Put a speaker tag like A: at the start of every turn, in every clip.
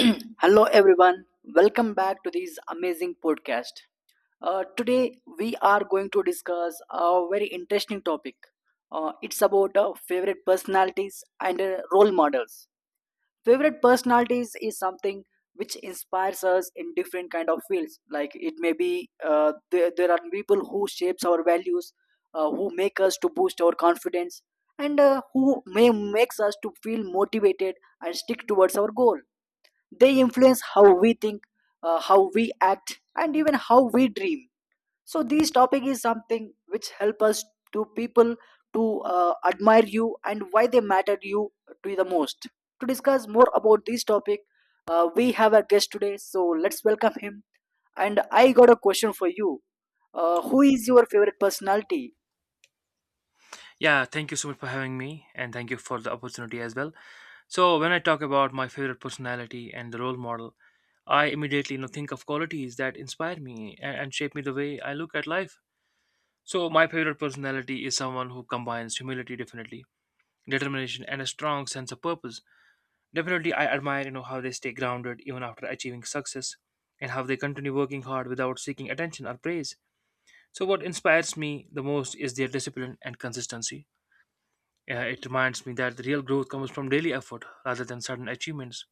A: Hello, everyone. Welcome back to this amazing podcast. Today, we are going to discuss a very interesting topic. It's about favorite personalities and role models. Favorite personalities is something which inspires us in different kind of fields. Like it may be there are people who shapes our values, who make us to boost our confidence, and who may makes us to feel motivated and stick towards our goal, they influence how we think, how we act and even how we dream. So this topic is something which help us, to people, to admire you and why they matter you to the most. To discuss more about this topic, we have a guest today, so let's welcome him. And I got a question for you. Who is your favorite personality?
B: Yeah, thank you so much for having me, and thank you for the opportunity as well. So, when I talk about my favorite personality and the role model, I immediately think of qualities that inspire me and shape me the way I look at life. So, my favorite personality is someone who combines humility, definitely, determination, and a strong sense of purpose. Definitely, I admire how they stay grounded even after achieving success, and how they continue working hard without seeking attention or praise. So, what inspires me the most is their discipline and consistency. It reminds me that the real growth comes from daily effort rather than sudden achievements.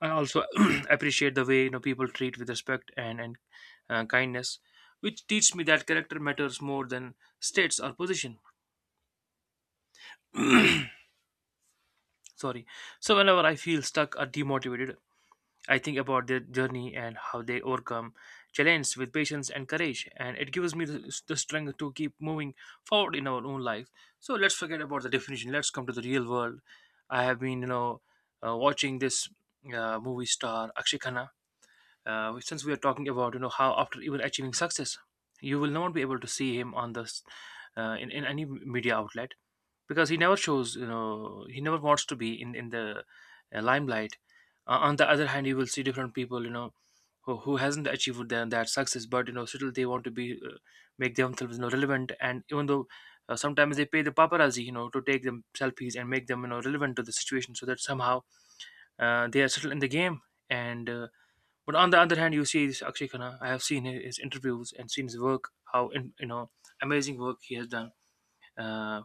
B: I also appreciate the way people treat with respect and kindness, which teach me that character matters more than states or position. Sorry. So whenever I feel stuck or demotivated, I think about their journey and how they overcome challenges with patience and courage, and it gives me the strength to keep moving forward in our own life. So let's forget about the definition. Let's come to the real world. I have been, you know, watching this movie star Akshay Khanna. Since we are talking about, you know, how after even achieving success, you will not be able to see him on in any media outlet, because he never shows, you know, he never wants to be in the limelight. On the other hand, you will see different people, you know, who hasn't achieved their, that success, but you know, still they want to be make themselves, you know, relevant, and even though sometimes they pay the paparazzi, you know, to take them selfies and make them, you know, relevant to the situation, so that somehow they are still in the game. And uh, but on the other hand, you see this Akshay Khanna. I have seen his interviews and seen his work, how in, you know, amazing work he has done uh,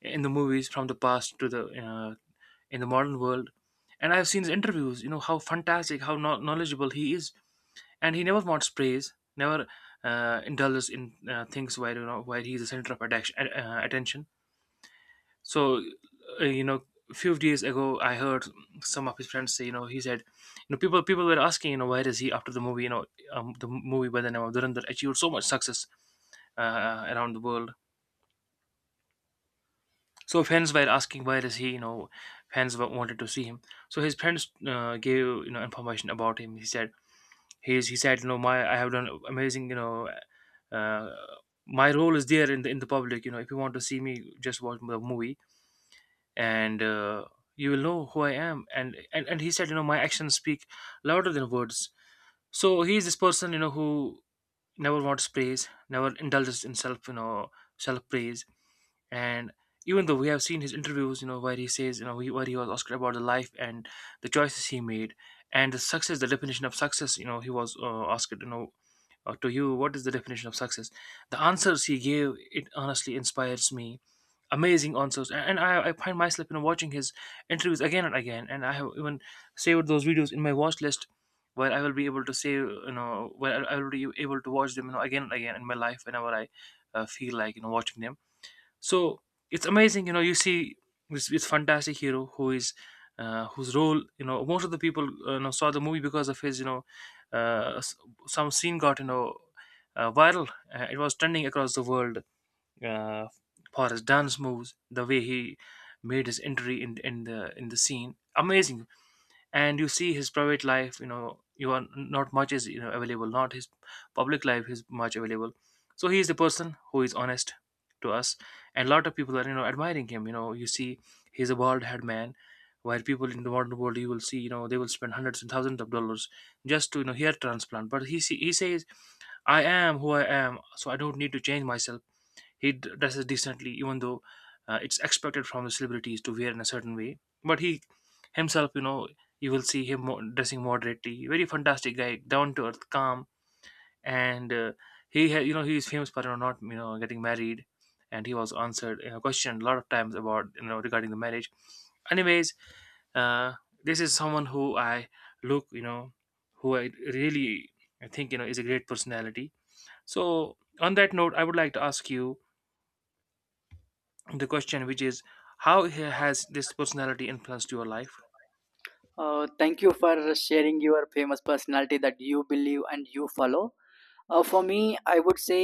B: in the movies, from the past to the in the modern world. And I've seen his interviews, you know, how fantastic, how knowledgeable he is. And he never wants praise, never indulges in things where, you know, where he's the center of attention. Attention. So, you know, a few days ago, I heard some of his friends say, you know, he said, you know, people were asking, you know, where is he after the movie? You know, the movie by the name of Durandar achieved so much success around the world. So fans were asking, where is he? You know, fans wanted to see him. So his friends gave, you know, information about him. He said, he said, you know, my, I have done amazing, you know, uh, my role is there in the public. You know, if you want to see me, just watch the movie and you will know who I am. And, and he said, you know, my actions speak louder than words. So he is this person, you know, who never wants praise, never indulges in self, you know, self praise. And even though, we have seen his interviews, you know, where he says, you know, he, where he was asked about the life and the choices he made and the success, the definition of success, you know, he was asked, you know, to you, what is the definition of success? The answers he gave, it honestly inspires me. Amazing answers. And I find myself, you know, watching his interviews again and again, and I have even saved those videos in my watch list, where I will be able to save, you know, where I will be able to watch them, you know, again and again in my life, whenever I feel like, you know, watching them. So it's amazing, you know, you see this, this fantastic hero, who is whose role, you know, most of the people, you know, saw the movie because of his, you know, uh, s- some scene got, you know, viral. It was trending across the world uh, for his dance moves, the way he made his entry in the scene. Amazing. And you see his private life, you know, you are not much is, you know, available, not his public life is much available. So he is the person who is honest to us, and a lot of people are, you know, admiring him. You know, you see, he's a bald head man, while people in the modern world, you will see, you know, they will spend hundreds and thousands of dollars just to, you know, hair transplant. But he see, he says, I am who I am, so I don't need to change myself. He dresses decently, even though it's expected from the celebrities to wear in a certain way. But he himself, you know, you will see him dressing moderately. Very fantastic guy, down to earth, calm, and he, you know, he is famous for, you know, not, you know, getting married, and he was answered, you know, questioned a lot of times about, you know, regarding the marriage. Anyways, uh, this is someone who I look, you know, who I really, I think, you know, is a great personality. So on that note, I would like to ask you the question, which is, how has this personality influenced your life?
A: Thank you for sharing your famous personality that you believe and you follow. For me, I would say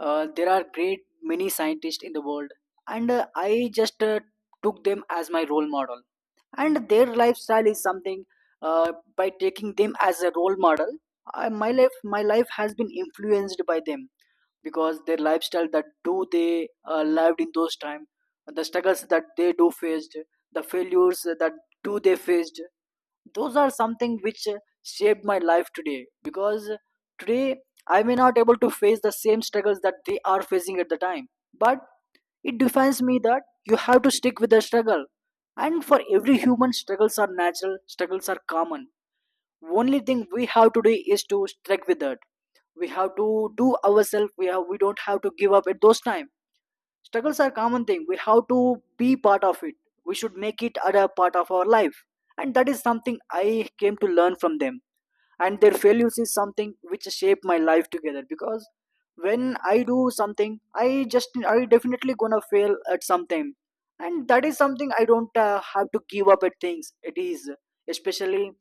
A: there are great many scientists in the world, and I just took them as my role model. And their lifestyle is something. By taking them as a role model, I, my life has been influenced by them because their lifestyle that do they lived in those time, the struggles that they do faced, the failures that do they faced, those are something which shaped my life today, because today I may not able to face the same struggles that they are facing at the time. But it defines me that you have to stick with the struggle, and for every human struggles are natural, struggles are common. Only thing we have to do is to stick with that. We have to do ourselves, we have we don't have to give up at those time. Struggles are common thing, we have to be part of it, we should make it a part of our life, and that is something I came to learn from them. And their failures is something which shape my life together, because when I do something, I definitely gonna fail at something. And that is something I don't have to give up at things. It is especially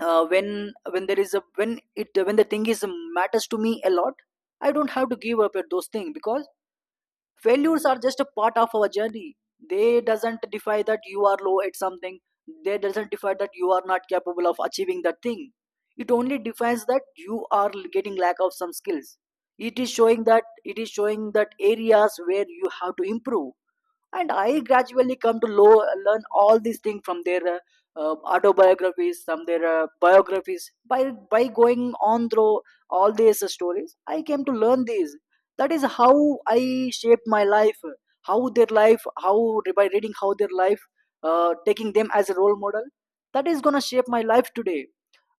A: uh, when when there is a when it when the thing is matters to me a lot, I don't have to give up at those things, because failures are just a part of our journey. They doesn't define that you are low at something, they doesn't define that you are not capable of achieving that thing. It only defines that you are getting lack of some skills, it is showing that areas where you have to improve. And I gradually come to lo- learn all these things from their autobiographies, from their biographies, by going on through all these stories I came to learn these. That is how I shaped my life, how their life, how by reading how their life, taking them as a role model, that is gonna shape my life today.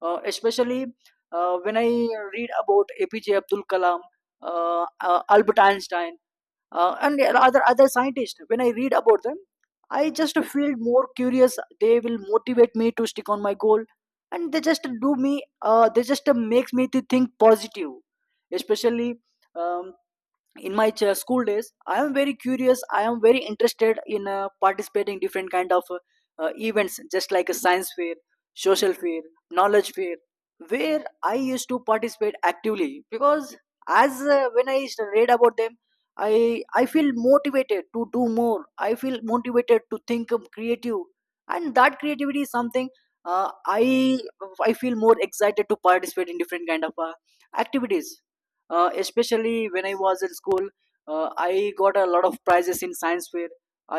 A: Especially when I read about apj abdul kalam, albert einstein, and other scientists, when I read about them, I just feel more curious. They will motivate me to stick on my goal, and they just do me, they just makes me to think positive. Especially um, in my ch- school days, I am very curious, I am very interested in participating different kind of events, just like a science fair, social fair, knowledge fair, where I used to participate actively. Because as when I used to read about them, i I feel motivated to do more, I feel motivated to think of creative. And that creativity is something, uh, i I feel more excited to participate in different kind of activities. Especially when I was at school, I got a lot of prizes in science fair.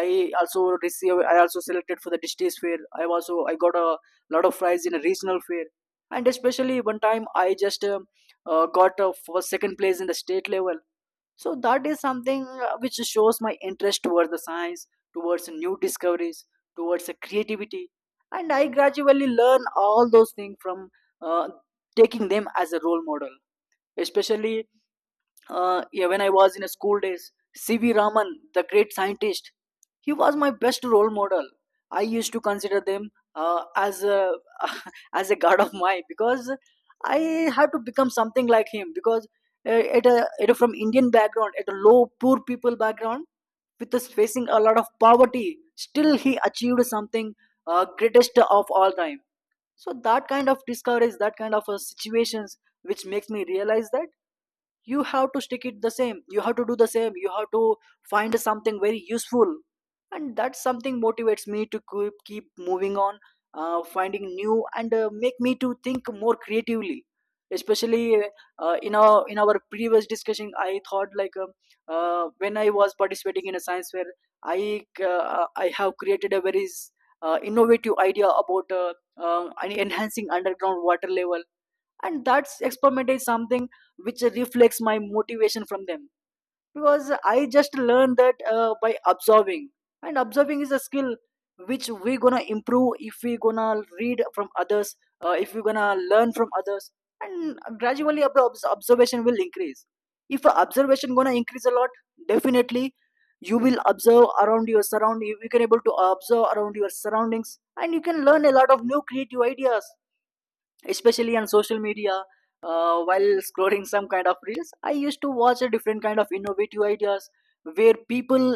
A: I also selected for the district fair, I got a lot of prize in a regional fair. And especially one time I just got a first second place in the state level. So that is something which shows my interest towards the science, towards new discoveries, towards the creativity. And I gradually learn all those things from uh, taking them as a role model. Especially yeah, when I was in a school days, C.V. Raman, the great scientist, he was my best role model. I used to consider them as a as a god of mine, because I had to become something like him. Because at a from Indian background, at a low poor people background, with us facing a lot of poverty, still he achieved something greatest of all time. So that kind of discoveries, that kind of situations, which makes me realize that you have to stick it the same, you have to do the same, you have to find something very useful. And that something motivates me to keep moving on, finding new, and make me to think more creatively. Especially in our previous discussion, I thought like, when I was participating in a science fair, I have created a very innovative idea about enhancing underground water level. And that's experiment is something which reflects my motivation from them, because I just learned that by observing. And observing is a skill which we gonna improve if we gonna read from others, if we gonna learn from others. And gradually our obs- observation will increase. If our observation gonna increase a lot, definitely you will observe around your surrounding, you can able to observe around your surroundings, and you can learn a lot of new creative ideas. Especially on social media, while scrolling some kind of reels, I used to watch a different kind of innovative ideas, where people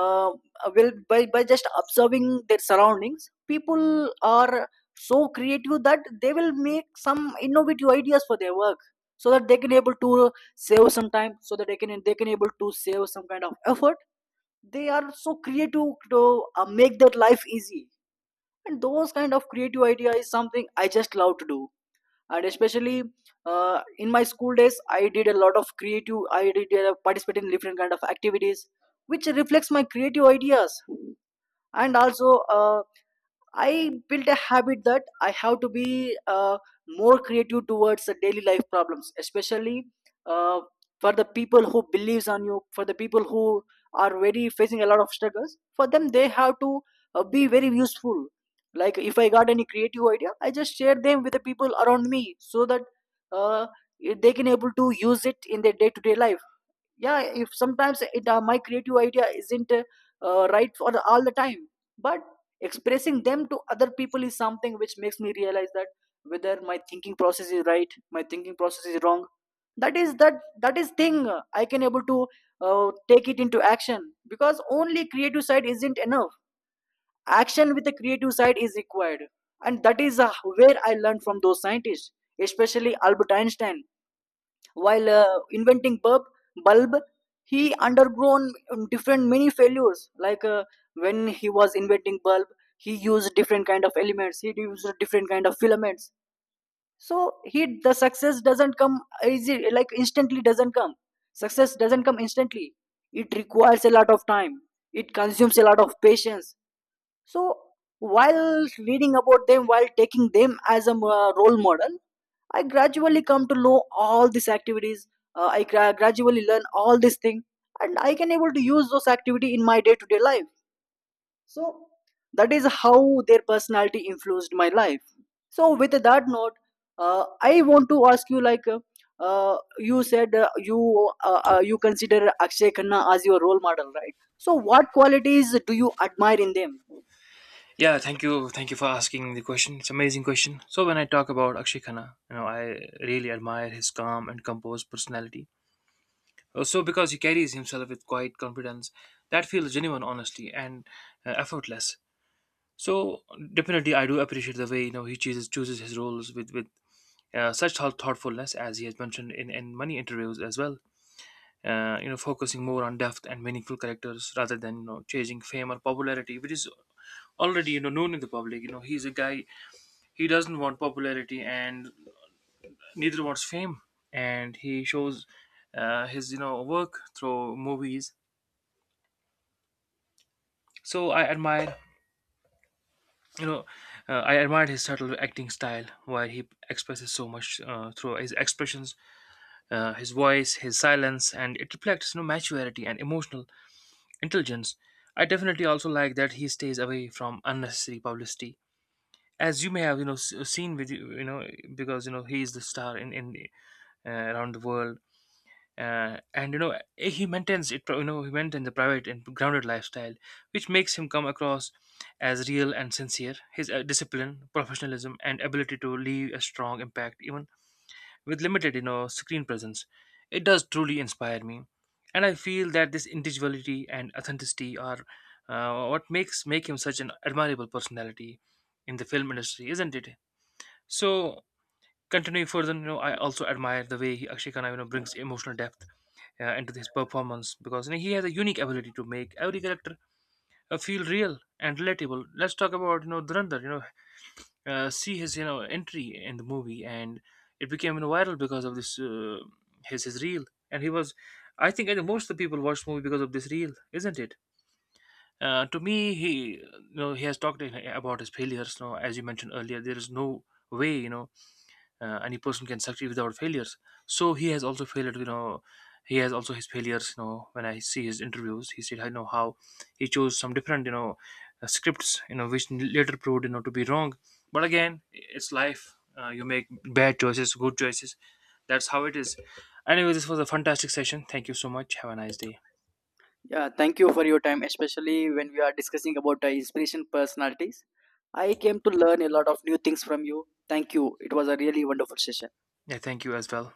A: uh, will by just observing their surroundings, people are so creative that they will make some innovative ideas for their work, so that they can able to save some time, so that they can able to save some kind of effort. They are so creative to make their life easy, and those kind of creative idea is something I just love to do. And especially in my school days, I did participate in different kind of activities which reflects my creative ideas. And also I built a habit that I have to be more creative towards the daily life problems. Especially uh, for the people who believes on you, for the people who are very facing a lot of struggles. For them, they have to be very useful. Like if I got any creative idea, I just share them with the people around me, so that uh, they can able to use it in their day to day life. Yeah, if sometimes it my creative idea isn't right for the- all the time. But expressing them to other people is something which makes me realize that whether my thinking process is right, my thinking process is wrong. That is thing I can able to take it into action. Because only creative side isn't enough, action with the creative side is required. And that is where I learned from those scientists, especially albert einstein. While inventing bulb, bulb, he undergone different many failures. Like when he was inventing bulb, he used different kind of elements. He used different kind of filaments. So he the success doesn't come easy, like instantly doesn't come. Success doesn't come instantly. It requires a lot of time. It consumes a lot of patience. So while reading about them, while taking them as a role model, I gradually come to know all these activities. Gradually learn all these things, and I can able to use those activity in my day to day life. So that is how their personality influenced my life. So with that note, I want to ask you like. You said you consider Akshay Khanna as your role model, right? So, what qualities do you admire in them?
B: Yeah, thank you, thank you for asking the question. It's an amazing question. So when I talk about Akshay Khanna, you know, I really admire his calm and composed personality, also because he carries himself with quiet confidence that feels genuine, honestly, and effortless. So, definitely, I do appreciate the way, you know, he chooses his roles with such thoughtfulness, as he has mentioned in many interviews as well. You know, focusing more on depth and meaningful characters, rather than, you know, chasing fame or popularity, which is already, you know, known in the public. You know, he's a guy, he doesn't want popularity, and neither wants fame. And he shows his, you know, work through movies. So I admire, you know, I admired his subtle acting style, where he expresses so much through his expressions, his voice, his silence, and it reflects, you know, maturity and emotional intelligence. I definitely also like that he stays away from unnecessary publicity, as you may have, you know, seen with you, you know, because you know he is the star in around the world. And you know, he maintains it, you know, he maintains a private and grounded lifestyle, which makes him come across as real and sincere. His discipline, professionalism, and ability to leave a strong impact, even with limited, you know, screen presence, it does truly inspire me. And I feel that this individuality and authenticity are what makes make him such an admirable personality in the film industry, isn't it? So, continuing further, you know, I also admire the way he, Akshay Khanna, you know, brings emotional depth into his performance, because you know, he has a unique ability to make every character feel real and relatable. Let's talk about, you know, Durandar, you know, see his, you know, entry in the movie, and it became, you know, viral because of this his reel. And he was, I think most of the people watched the movie because of this reel, isn't it? To me, he, you know, he has talked about his failures, you know, as you mentioned earlier, there is no way, you know, any person can succeed without failures. So he has also failed, you know, he has also his failures, you know, when I see his interviews, he said, I know how he chose some different, you know, scripts, you know, which later proved, you know, to be wrong. But again, it's life, you make bad choices, good choices, that's how it is. Anyway, this was a fantastic session, thank you so much, have a nice day.
A: Yeah, thank you for your time, especially when we are discussing about inspiration personalities. I came to learn a lot of new things from you. Thank you. It was a really wonderful session.
B: Yeah, thank you as well.